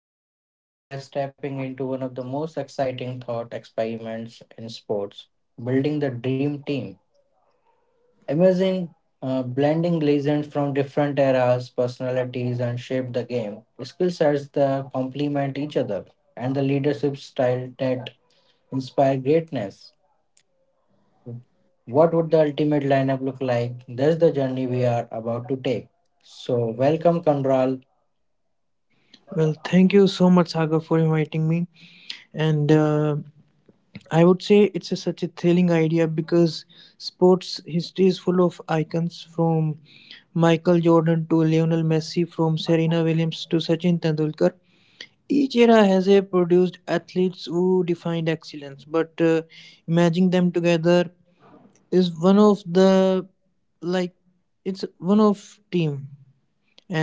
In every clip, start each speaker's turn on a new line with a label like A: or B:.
A: Viz. Today we are stepping into one of the most exciting thought experiments in sports, building the dream team. Imagine blending legends from different eras, personalities, and shape the game. Skill sets that complement each other, and the leadership style that inspire greatness. What would the ultimate lineup look like? That's the journey we are about to take. So, welcome, Conral.
B: Well, thank you so much, Sagar, for inviting me. And I would say it's such a thrilling idea because sports history is full of icons from Michael Jordan to Lionel Messi, from Serena Williams to Sachin Tendulkar. Each era has a produced athletes who defined excellence, but imagining them together is one of the like it's one of team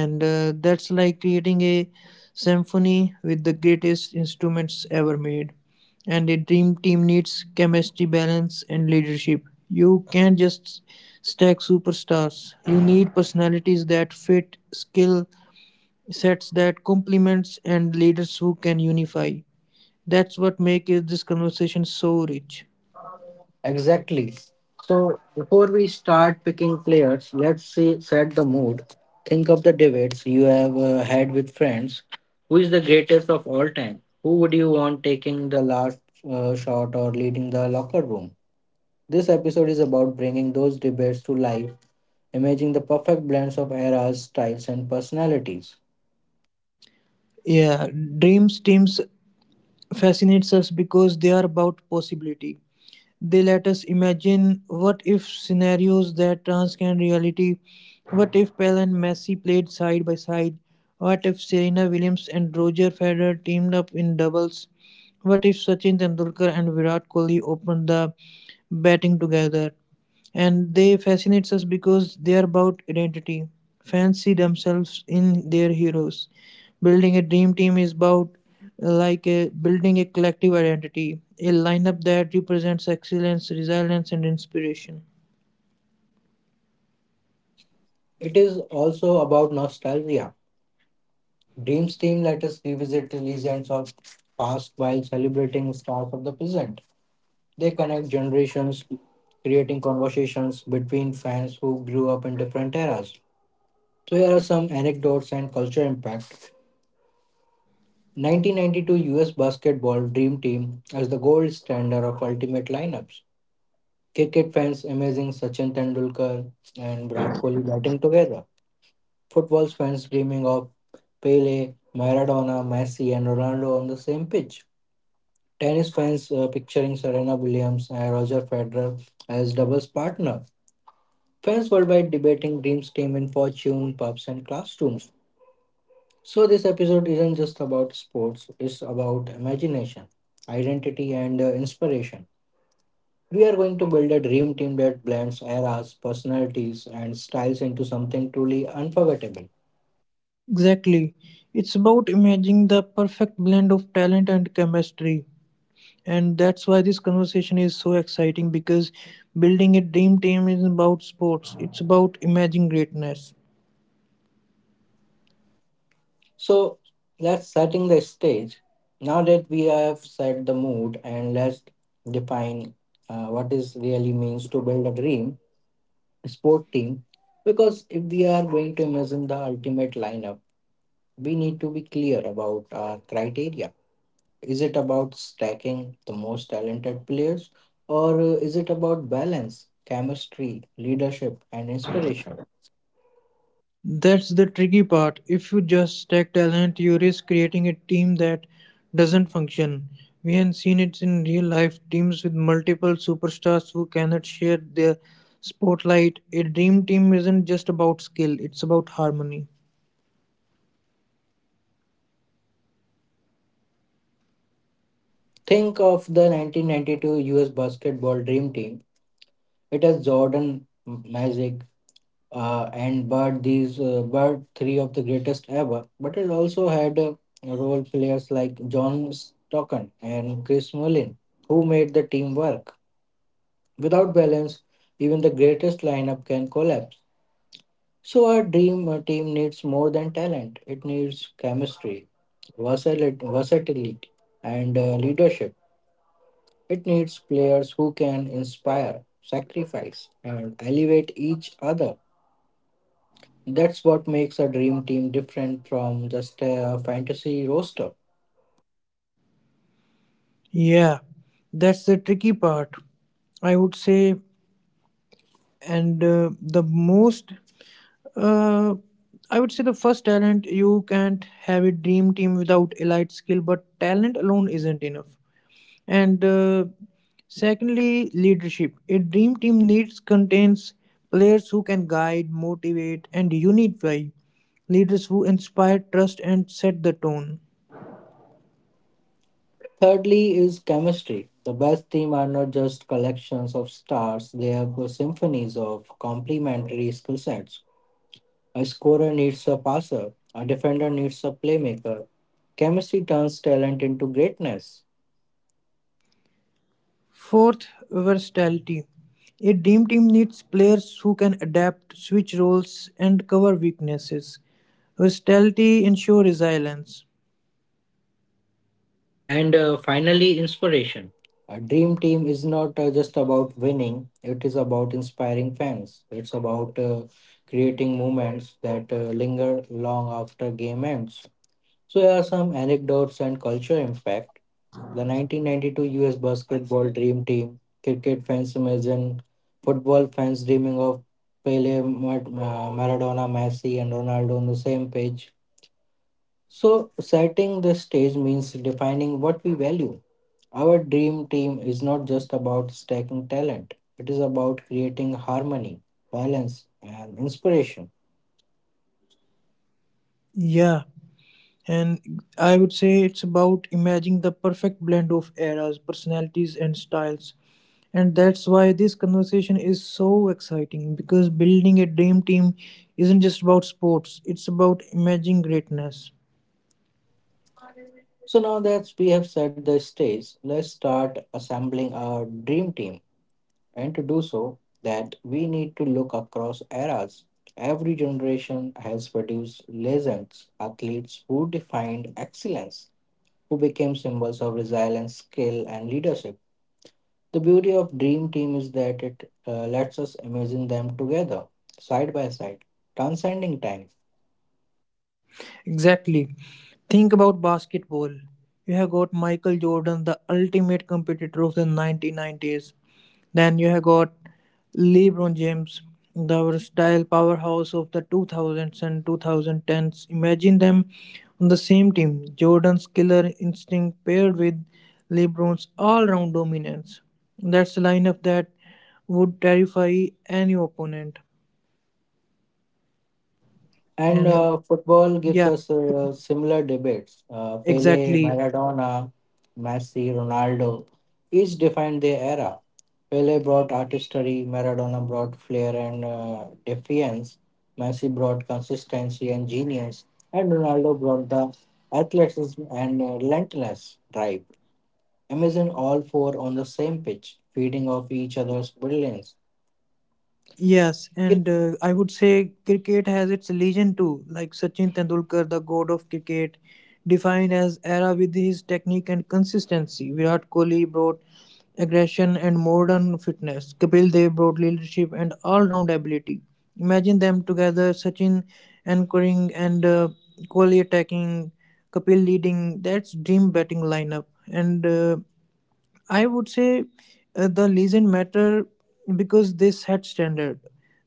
B: and that's like creating a symphony with the greatest instruments ever made, and a dream team needs chemistry, balance and leadership. You can't just stack superstars. You need personalities that fit, skill sets that complements, and leaders who can unify. That's what makes this conversation so rich.
A: Exactly. So before we start picking players, let's see, set the mood. Think of the debates you have had with friends. Who is the greatest of all time? Who would you want taking the last shot or leading the locker room? This episode is about bringing those debates to life, imagining the perfect blends of eras, styles, and personalities.
B: Yeah, dreams teams fascinates us because they are about possibility. They let us imagine what if scenarios that transcend reality. What if Pele and Messi played side by side? What if Serena Williams and Roger Federer teamed up in doubles? What if Sachin Tendulkar and Virat Kohli opened the batting together? And they fascinates us because they are about identity. Fans see themselves in their heroes. Building a dream team is about building a collective identity, a lineup that represents excellence, resilience, and inspiration.
A: It is also about nostalgia. Dreams team let us revisit the legends of past while celebrating stars of the present. They connect generations, creating conversations between fans who grew up in different eras. So here are some anecdotes and culture impact. 1992 US basketball dream team as the gold standard of ultimate lineups. Cricket fans amazing Sachin Tendulkar and Virat Kohli batting together. Football fans dreaming of Pele, Maradona, Messi, and Ronaldo on the same pitch. Tennis fans picturing Serena Williams and Roger Federer as doubles partner. Fans worldwide debating dreams, team, and fortune, pubs, and classrooms. So, this episode isn't just about sports, it's about imagination, identity, and inspiration. We are going to build a dream team that blends eras, personalities, and styles into something truly unforgettable.
B: Exactly, it's about imagining the perfect blend of talent and chemistry. And that's why this conversation is so exciting because building a dream team is about sports. It's about imagining greatness.
A: So, let's setting the stage. Now that we have set the mood, and let's define what is really means to build a dream sport team, because if we are going to imagine the ultimate lineup, we need to be clear about our criteria. Is it about stacking the most talented players, or is it about balance, chemistry, leadership, and inspiration?
B: That's the tricky part. If you just stack talent, you risk creating a team that doesn't function. We have seen it in real life teams with multiple superstars who cannot share their spotlight. A dream team isn't just about skill, it's about harmony.
A: Think of the 1992 US basketball dream team. It has Jordan, Magic, and but these but three of the greatest ever. But it also had role players like John Stockton and Chris Mullin, who made the team work. Without balance, even the greatest lineup can collapse. So our dream team needs more than talent; it needs chemistry, versatility, and leadership. It needs players who can inspire, sacrifice, and elevate each other. That's what makes a dream team different from just a fantasy roster.
B: Yeah, that's the tricky part, I would say. And uh, the most, uh, I would say, the first, talent. You can't have a dream team without elite skill, but talent alone isn't enough. And secondly, leadership. A dream team needs contains players who can guide, motivate, and unify, leaders who inspire trust and set the tone.
A: Thirdly, is chemistry. The best team are not just collections of stars, they are symphonies of complementary skill sets. A scorer needs a passer, a defender needs a playmaker. Chemistry turns talent into greatness.
B: Fourth, versatility. A dream team needs players who can adapt, switch roles, and cover weaknesses. Versatility ensures resilience.
A: And finally, inspiration. A dream team is not just about winning, it is about inspiring fans. It's about creating moments that linger long after game ends. So, here are some anecdotes and culture impact. The 1992 US basketball dream team, cricket fans imagine, football fans dreaming of Pele, Maradona, Messi, and Ronaldo on the same pitch. So, setting the stage means defining what we value. Our dream team is not just about stacking talent, it is about creating harmony, balance, and inspiration.
B: Yeah, and I would say it's about imagining the perfect blend of eras, personalities, and styles. And that's why this conversation is so exciting because building a dream team isn't just about sports, it's about imagining greatness.
A: So, now that we have set the stage, let's start assembling our dream team. And to do so, that we need to look across eras. Every generation has produced legends, athletes who defined excellence, who became symbols of resilience, skill, and leadership. The beauty of Dream Team is that it lets us imagine them together, side by side, transcending time.
B: Exactly. Think about basketball. You have got Michael Jordan, the ultimate competitor of the 1990s. Then you have got LeBron James, the versatile powerhouse of the 2000s and 2010s. Imagine them on the same team. Jordan's killer instinct paired with LeBron's all round dominance. That's a lineup that would terrify any opponent.
A: And
B: And
A: football gives
B: yeah,
A: us similar debates. Pele,
B: exactly.
A: Maradona, Messi, Ronaldo each defined their era. Pele brought artistry, Maradona brought flair and defiance, Messi brought consistency and genius, and Ronaldo brought the athleticism and relentless drive. Imagine all four on the same pitch, feeding off each other's brilliance.
B: Yes, and
A: It
B: I would say cricket has its legend too, like Sachin Tendulkar, the god of cricket, defined as era with his technique and consistency. Virat Kohli brought aggression and modern fitness. Kapil Dev brought leadership and all-round ability. Imagine them together, Sachin anchoring and Kohli attacking, Kapil leading. That's dream batting lineup. And I would say the legend matter because they set standard.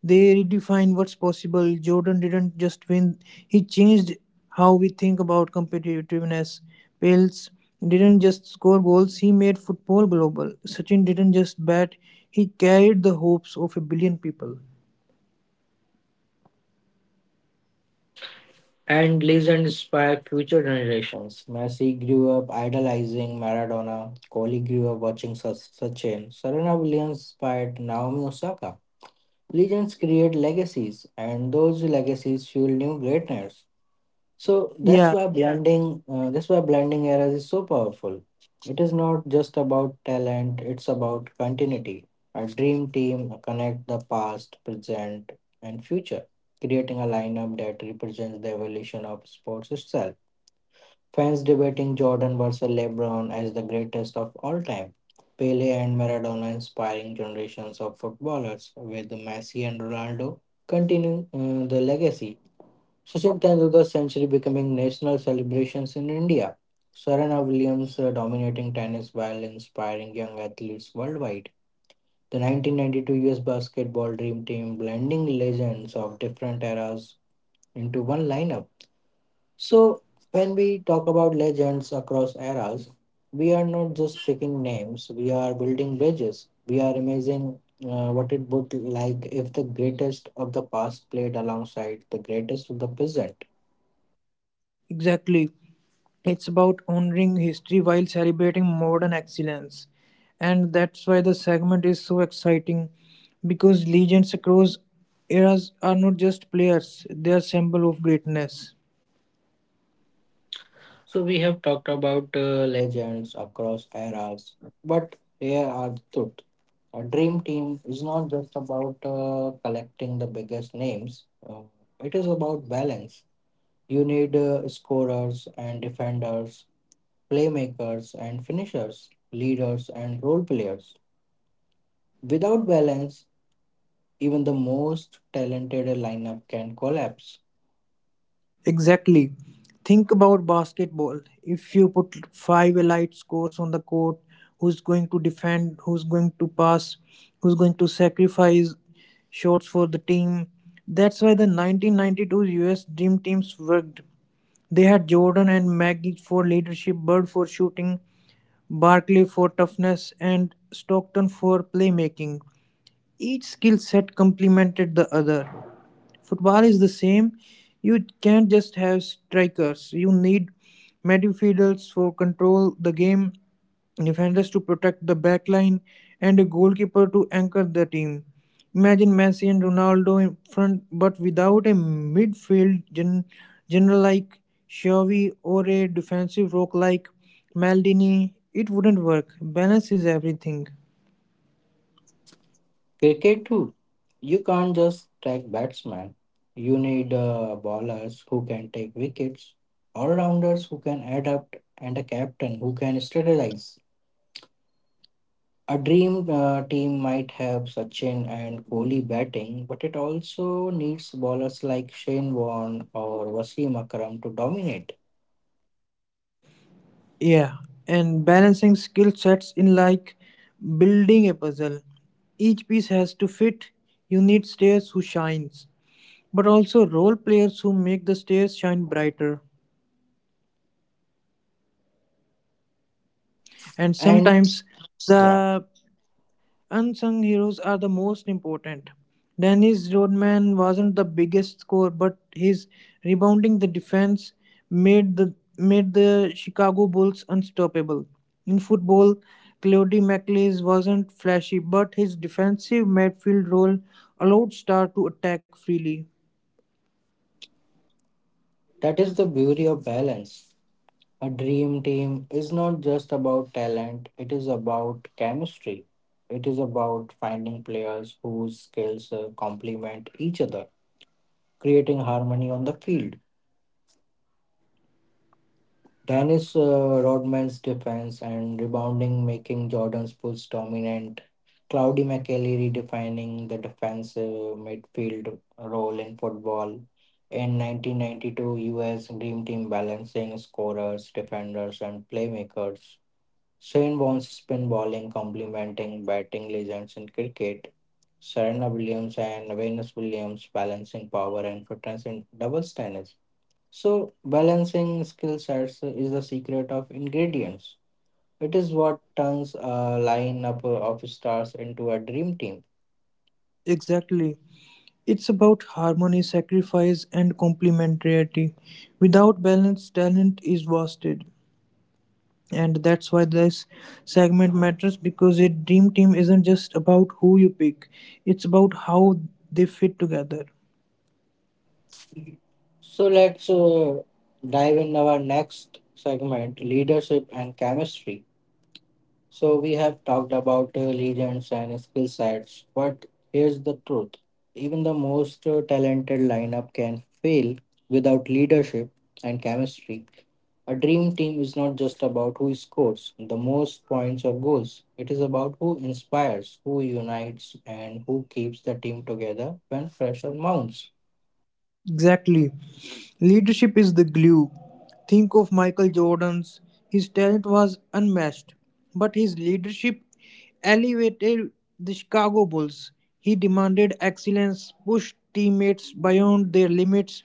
B: They redefine what's possible. Jordan didn't just win; he changed how we think about competitiveness. Pels didn't just score goals; he made football global. Sachin didn't just bat; he carried the hopes of a billion people.
A: And legend inspire future generations. Messi grew up idolizing Maradona. Kohli grew up watching Sachin. Serena Williams inspired Naomi Osaka. Legends create legacies, and those legacies fuel new greatness. So
B: Yeah,
A: that's why blending eras is so powerful. It is not just about talent; it's about continuity. A dream team connect the past, present, and future, creating a lineup that represents the evolution of sports itself. Fans debating Jordan versus LeBron as the greatest of all time. Pele and Maradona inspiring generations of footballers, with Messi and Ronaldo continuing the legacy. Sachin Tendulkar's century becoming national celebrations in India. Serena Williams dominating tennis while inspiring young athletes worldwide. The 1992 US basketball dream team blending legends of different eras into one lineup. So, when we talk about legends across eras, we are not just picking names, we are building bridges. We are imagining what it would like if the greatest of the past played alongside the greatest of the present.
B: exactly. It's about honoring history while celebrating modern excellence. And that's why the segment is so exciting because legends across eras are not just players, they are symbol of greatness.
A: So we have talked about legends across eras, but here are the truth. A dream team is not just about collecting the biggest names. It is about balance. You need scorers and defenders, playmakers and finishers, leaders and role players. Without balance, even the most talented lineup can collapse.
B: Exactly. Think about basketball. If you put five elite scores on the court, who's going to defend, who's going to pass, who's going to sacrifice shots for the team? That's why the 1992 US Dream Teams worked. They had Jordan and Maggie for leadership, Bird for shooting, Barkley for toughness, and Stockton for playmaking. Each skill set complemented the other. Football is the same. You can't just have strikers. You need midfielders for control the game, defenders to protect the back line, and a goalkeeper to anchor the team. Imagine Messi and Ronaldo in front, but without a general like Xavi or a defensive rock like Maldini, it wouldn't work. Balance is everything.
A: Cricket too. You can't just take batsmen. You need bowlers who can take wickets, all-rounders who can adapt, and a captain who can strategize. A dream team might have Sachin and Kohli batting, but it also needs bowlers like Shane Warne or Wasim Akram to dominate.
B: Yeah, and balancing skill sets in like building a puzzle. Each piece has to fit. You need stairs who shines, but also role players who make the stairs shine brighter. And
A: And
B: sometimes
A: yeah,
B: the unsung heroes are the most important. Dennis Rodman wasn't the biggest scorer, but his rebounding the defense made the Chicago Bulls unstoppable. In football, Claudie McLeese wasn't flashy, but his defensive midfield role allowed Star to attack freely.
A: that is the beauty of balance. A dream team is not just about talent, it is about chemistry. It is about finding players whose skills complement each other, creating harmony on the field. Dennis Rodman's defense and rebounding making Jordan's push dominant. Cloudy McKelly redefining the defensive midfield role in football. In 1992, US Dream Team balancing scorers, defenders, and playmakers. Shane Bones spin bowling, complementing batting legends in cricket. Serena Williams and Venus Williams balancing power and fitness in doubles tennis. So, balancing skill sets is the secret of ingredients. It is what turns a lineup of stars into a dream team.
B: Exactly. It's about harmony, sacrifice, and complementarity. Without balance, talent is wasted. And that's why this segment matters because a dream team isn't just about who you pick, it's about how they fit together.
A: So, let's dive in our next segment leadership and chemistry. So we have talked about legends and skill sets, but here's the truth. Even the most talented lineup can fail without leadership and chemistry. A dream team is not just about who scores the most points or goals. It is about who inspires, who unites, and who keeps the team together when pressure mounts.
B: Exactly. Leadership is the glue. Think of Michael Jordan's. His talent was unmatched, but his leadership elevated the Chicago Bulls. He demanded excellence, pushed teammates beyond their limits,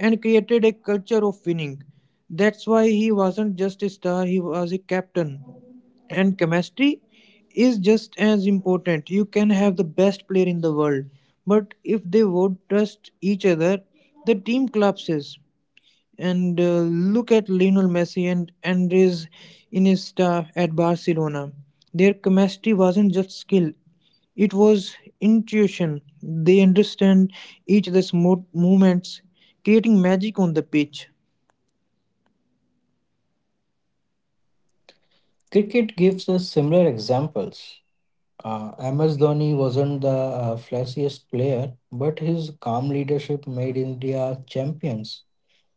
B: and created a culture of winning. That's why he wasn't just a star, he was a captain. And chemistry? Is just as important. You can have the best player in the world, but if they won't trust each other, the team collapses. And look at Lionel Messi and Andres Iniesta at Barcelona. Their chemistry wasn't just skill; it was intuition. They understand each movements, creating magic on the pitch.
A: Cricket gives us similar examples. MS Dhoni wasn't the flashiest player, but his calm leadership made India champions.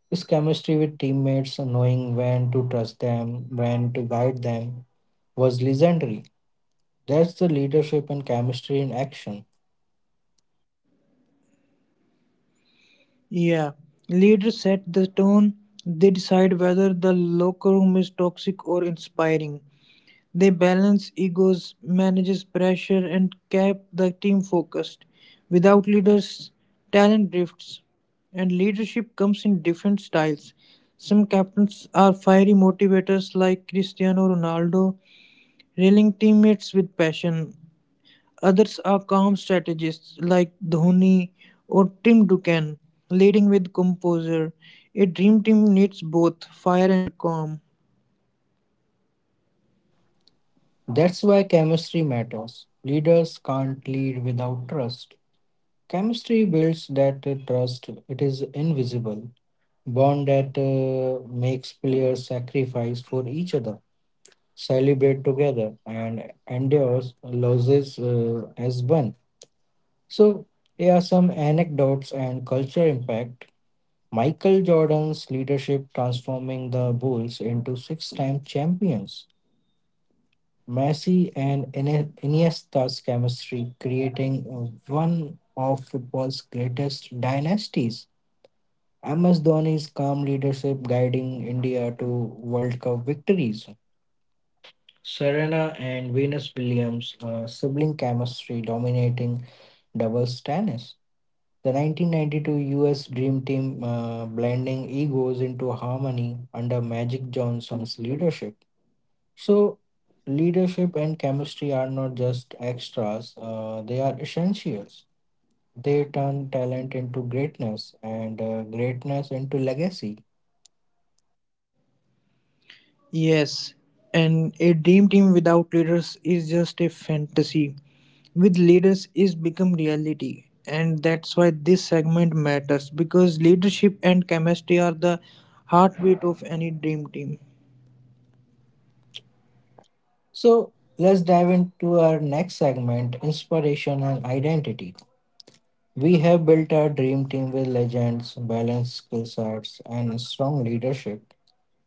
A: His chemistry with teammates, knowing when to trust them, when to guide them, was legendary. That's the leadership and chemistry in action.
B: Yeah, leaders set the tone. They decide whether the locker room is toxic or inspiring. They balance egos, manages pressure, and keep the team focused. Without leaders, talent drifts, and leadership comes in different styles. Some captains are fiery motivators like Cristiano Ronaldo, rallying teammates with passion. Others are calm strategists like Dhoni or Tim Duncan, leading with composure. A dream team needs both fire and calm.
A: That's why chemistry matters. Leaders can't lead without trust. Chemistry builds that trust, it is invisible. Bond that makes players sacrifice for each other, celebrate together and endures losses as one. So, here are some anecdotes and culture impact. Michael Jordan's leadership transforming the Bulls into six time champions. Messi and Iniesta's chemistry creating one of football's greatest dynasties. MS Dhoni's calm leadership guiding India to World Cup victories. Serena and Venus Williams' sibling chemistry dominating doubles tennis. The 1992 US Dream Team blending egos into harmony under Magic Johnson's leadership. So, leadership and chemistry are not just extras, they are essentials. They turn talent into greatness and greatness into legacy.
B: Yes, and a dream team without leaders is just a fantasy. With leaders is become reality. And that's why this segment matters because leadership and chemistry are the heartbeat of any dream team.
A: So, let's dive into our next segment inspiration and identity. We have built our dream team with legends, balanced skill sets, and strong leadership.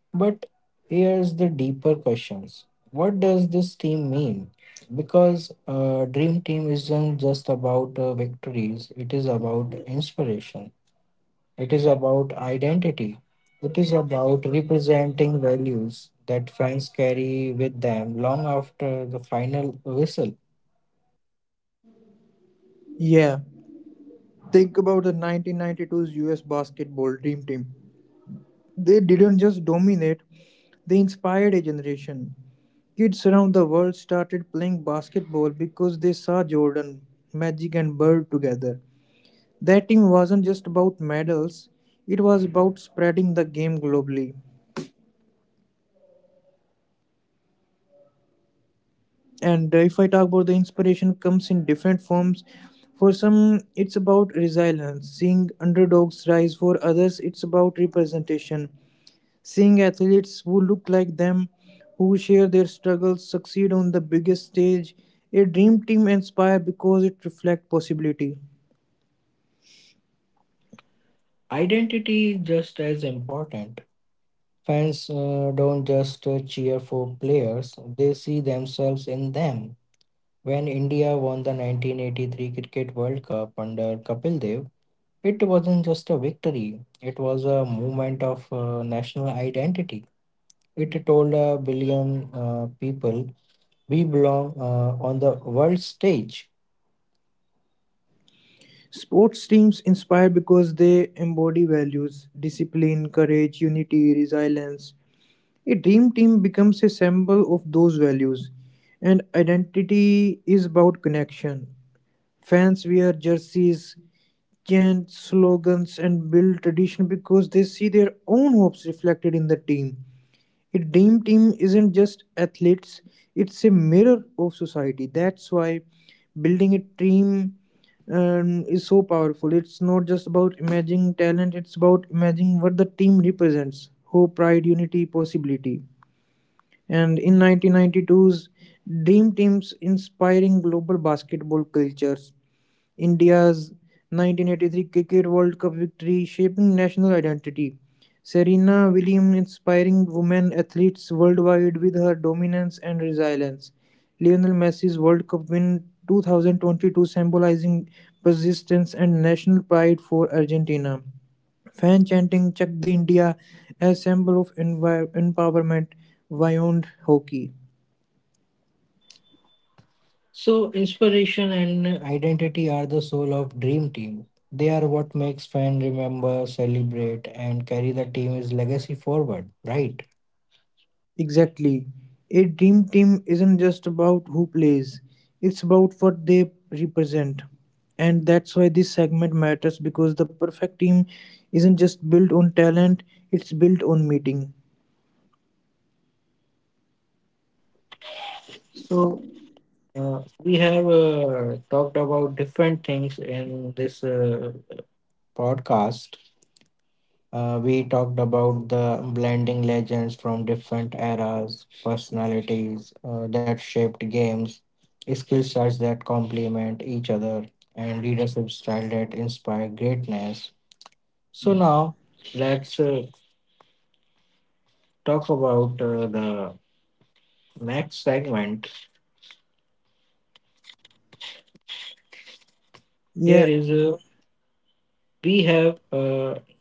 A: But here's the deeper questions. What does this team mean? Because dream team isn't just about victories, it is about inspiration. It is about identity. It is about representing values that fans carry with them long after the final whistle.
B: Yeah. Think about the 1992's US basketball dream team. They didn't just dominate, they inspired a generation. Kids around the world started playing basketball because they saw Jordan, Magic, and Bird together. That team wasn't just about medals, it was about spreading the game globally. And if I talk about the inspiration comes in different forms. For some, it's about resilience, seeing underdogs rise. For others, it's about representation, seeing athletes who look like them, who share their struggles, succeed on the biggest stage. A dream team inspire because it reflects possibility.
A: Identity is just as important. Fans don't just cheer for players, they see themselves in them. When India won the 1983 Cricket World Cup under Kapil Dev, it wasn't just a victory, it was a movement of national identity. It told a billion people, we belong on the world stage.
B: Sports teams inspire because they embody values, discipline, courage, unity, resilience. A dream team becomes a symbol of those values, and identity is about connection. Fans wear jerseys, chant slogans, and build tradition because they see their own hopes reflected in the team. A dream team isn't just athletes, it's a mirror of society. That's why building a team is so powerful. It's not just about imagining talent, it's about imagining what the team represents: hope, pride, unity, possibility. And in 1992's Dream Teams inspiring global basketball cultures, India's 1983 Cricket World Cup victory, shaping national identity. Serena Williams inspiring women athletes worldwide with her dominance and resilience. Lionel Messi's World Cup win 2022 symbolizing persistence and national pride for Argentina. Fan chanting Chak De India as symbol of empowerment beyond hockey.
A: So, inspiration and identity are the soul of Dream Team. They are what makes fans remember, celebrate, and carry the team's legacy forward, right?
B: Exactly. A dream team isn't just about who plays, it's about what they represent. And that's why this segment matters because the perfect team isn't just built on talent, it's built on meeting.
A: So, we have talked about different things in this podcast. We talked about the blending legends from different eras, personalities that shaped games, skill sets that complement each other, and leadership style that inspire greatness. So now let's talk about the next segment.
B: Yeah,
A: Here is we have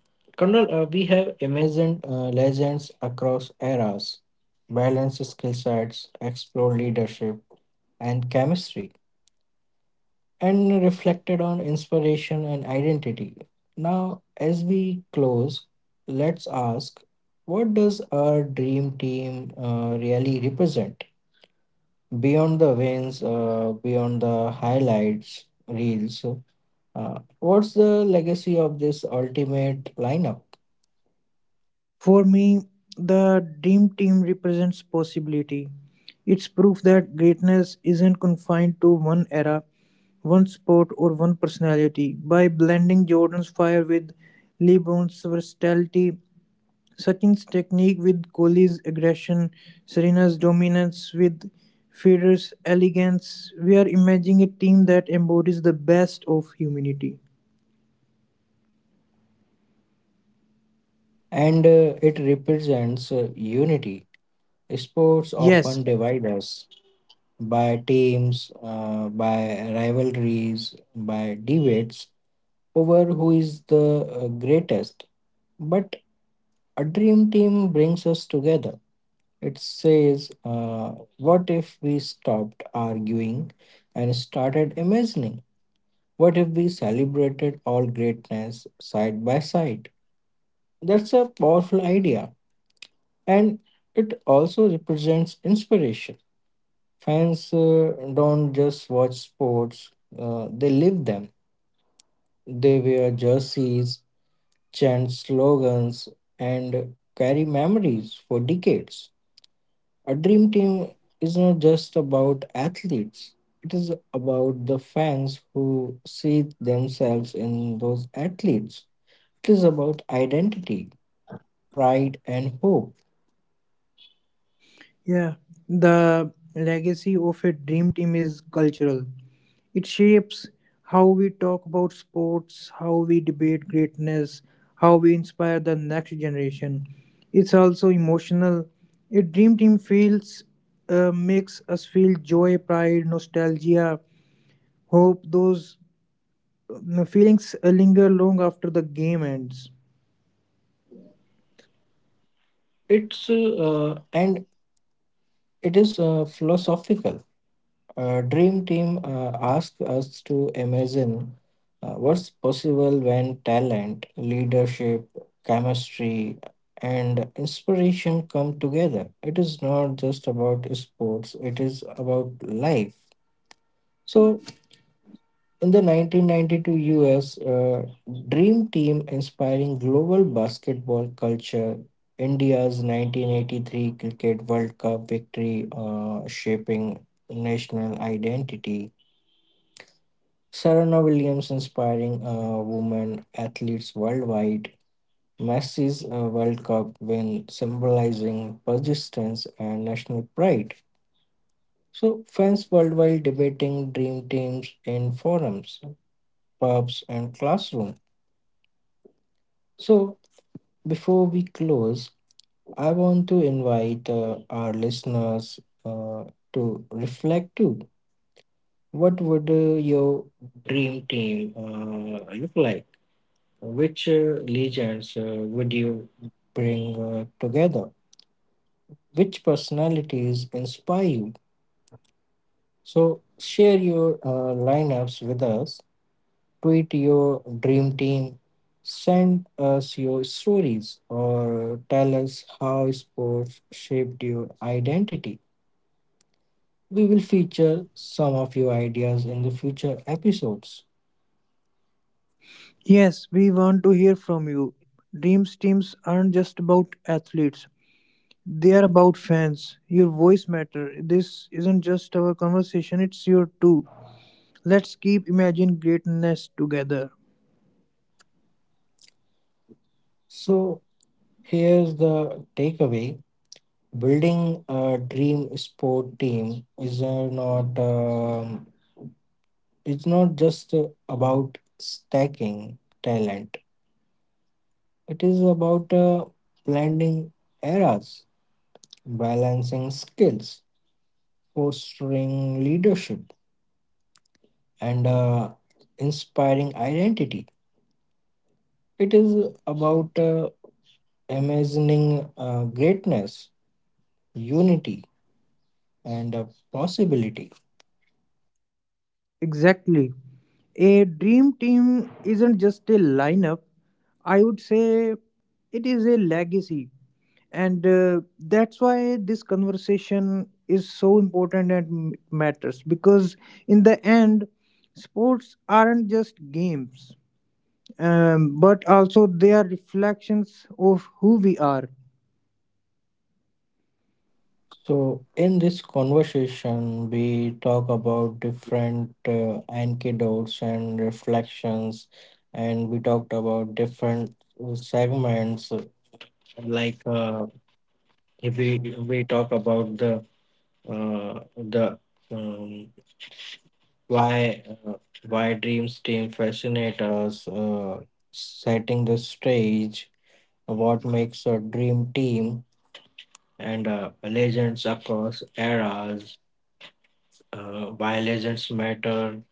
A: Colonel, we have imagined legends across eras, balance skill sets, explore leadership and chemistry, and reflected on inspiration and identity. Now, as we close, let's ask, what does our dream team really represent? Beyond the wins, beyond the highlights reels, what's the legacy of this ultimate lineup?
B: for me, the dream team represents possibility. It's proof that greatness isn't confined to one era, one sport, or one personality. By blending Jordan's fire with LeBron's versatility, Sachin's technique with Kohli's aggression, Serena's dominance with Federer's elegance, we are imagining a team that embodies the best of humanity.
A: And it represents unity. Sports
B: Yes,
A: often divide us by teams, by rivalries, by debates over who is the greatest. But a dream team brings us together. It says, what if we stopped arguing and started imagining? What if we celebrated all greatness side by side? That's a powerful idea, and it also represents inspiration. Fans don't just watch sports, they live them. They wear jerseys, chant slogans, and carry memories for decades. A dream team is not just about athletes, it is about the fans who see themselves in those athletes. It is about identity, pride, and hope.
B: yeah, the legacy of a dream team is cultural. It shapes how we talk about sports, how we debate greatness, how we inspire the next generation. It's also emotional. A dream team feels makes us feel joy, pride, nostalgia, hope. Those feelings linger long after the game ends.
A: It's and it is philosophical. Dream Team asks us to imagine what's possible when talent, leadership, chemistry, and inspiration come together. It is not just about sports, it is about life. So, in the 1992 US, Dream Team inspiring global basketball culture, India's 1983 Cricket World Cup victory shaping national identity. Serena Williams inspiring women athletes worldwide. Messi's World Cup win symbolizing persistence and national pride. So, fans worldwide debating dream teams in forums, pubs, and classroom. So, before we close, I want to invite our listeners uh, to reflect too. What would your dream team look like? Which legends would you bring together? Which personalities inspire you? So share your lineups with us. Tweet your dream team. Send us your stories or tell us how sports shaped your identity. We will feature some of your ideas in the future episodes.
B: Yes, we want to hear from you. Dreams teams aren't just about athletes. They are about fans. Your voice matter. This isn't just our conversation, it's your too. Let's keep imagine greatness together.
A: So here's the takeaway, building a dream sport team is not it's not just about stacking talent. It is about blending eras, balancing skills, fostering leadership, and inspiring identity. It is about imagining greatness, unity, and possibility.
B: Exactly. A dream team isn't just a lineup. I would say it is a legacy. And that's why this conversation is so important and matters because, in the end, sports aren't just games, but also they are reflections of who we are.
A: So, in this conversation, we talk about different anecdotes and reflections, and we talked about different segments. Like if we talk about uh, the um, why uh, why dreams team fascinate us, setting the stage, what makes a dream team, and legends across eras, why legends matter,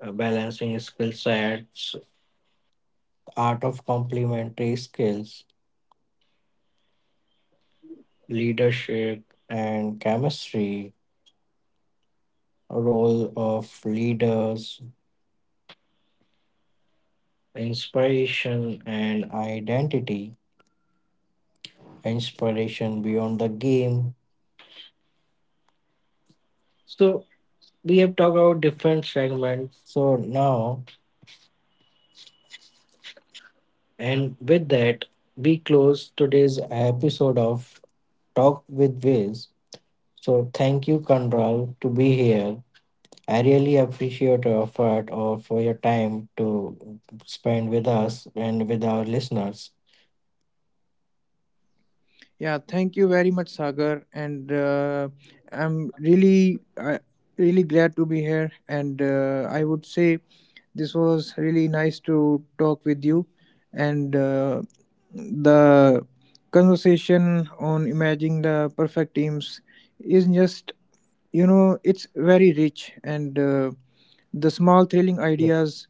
A: balancing skill sets, art of complementary skills, leadership and chemistry, role of leaders, inspiration and identity, inspiration beyond the game. So we have talked about different segments. So now, and with that, we close today's episode of Talk with Viz. So thank you, Kanral, to be here. I really appreciate your effort or for your time to spend with us and with our listeners.
B: Yeah, thank you very much, Sagar, I'm really, uh, really glad to be here. And I would say this was really nice to talk with you, and the conversation on imagining the perfect teams is just, you know, it's very rich, and the small thrilling ideas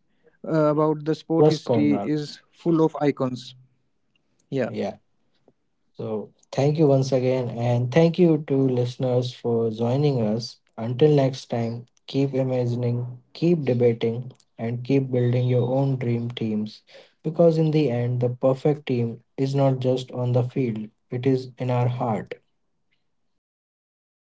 B: about the sport
A: Yes,
B: history
A: Colonel.
B: is full of icons. Yeah.
A: Yeah. So thank you once again, and thank you to listeners for joining us. Until next time, keep imagining, keep debating, and keep building your own dream teams. Because in the end, the perfect team is not just on the field, it is in our heart.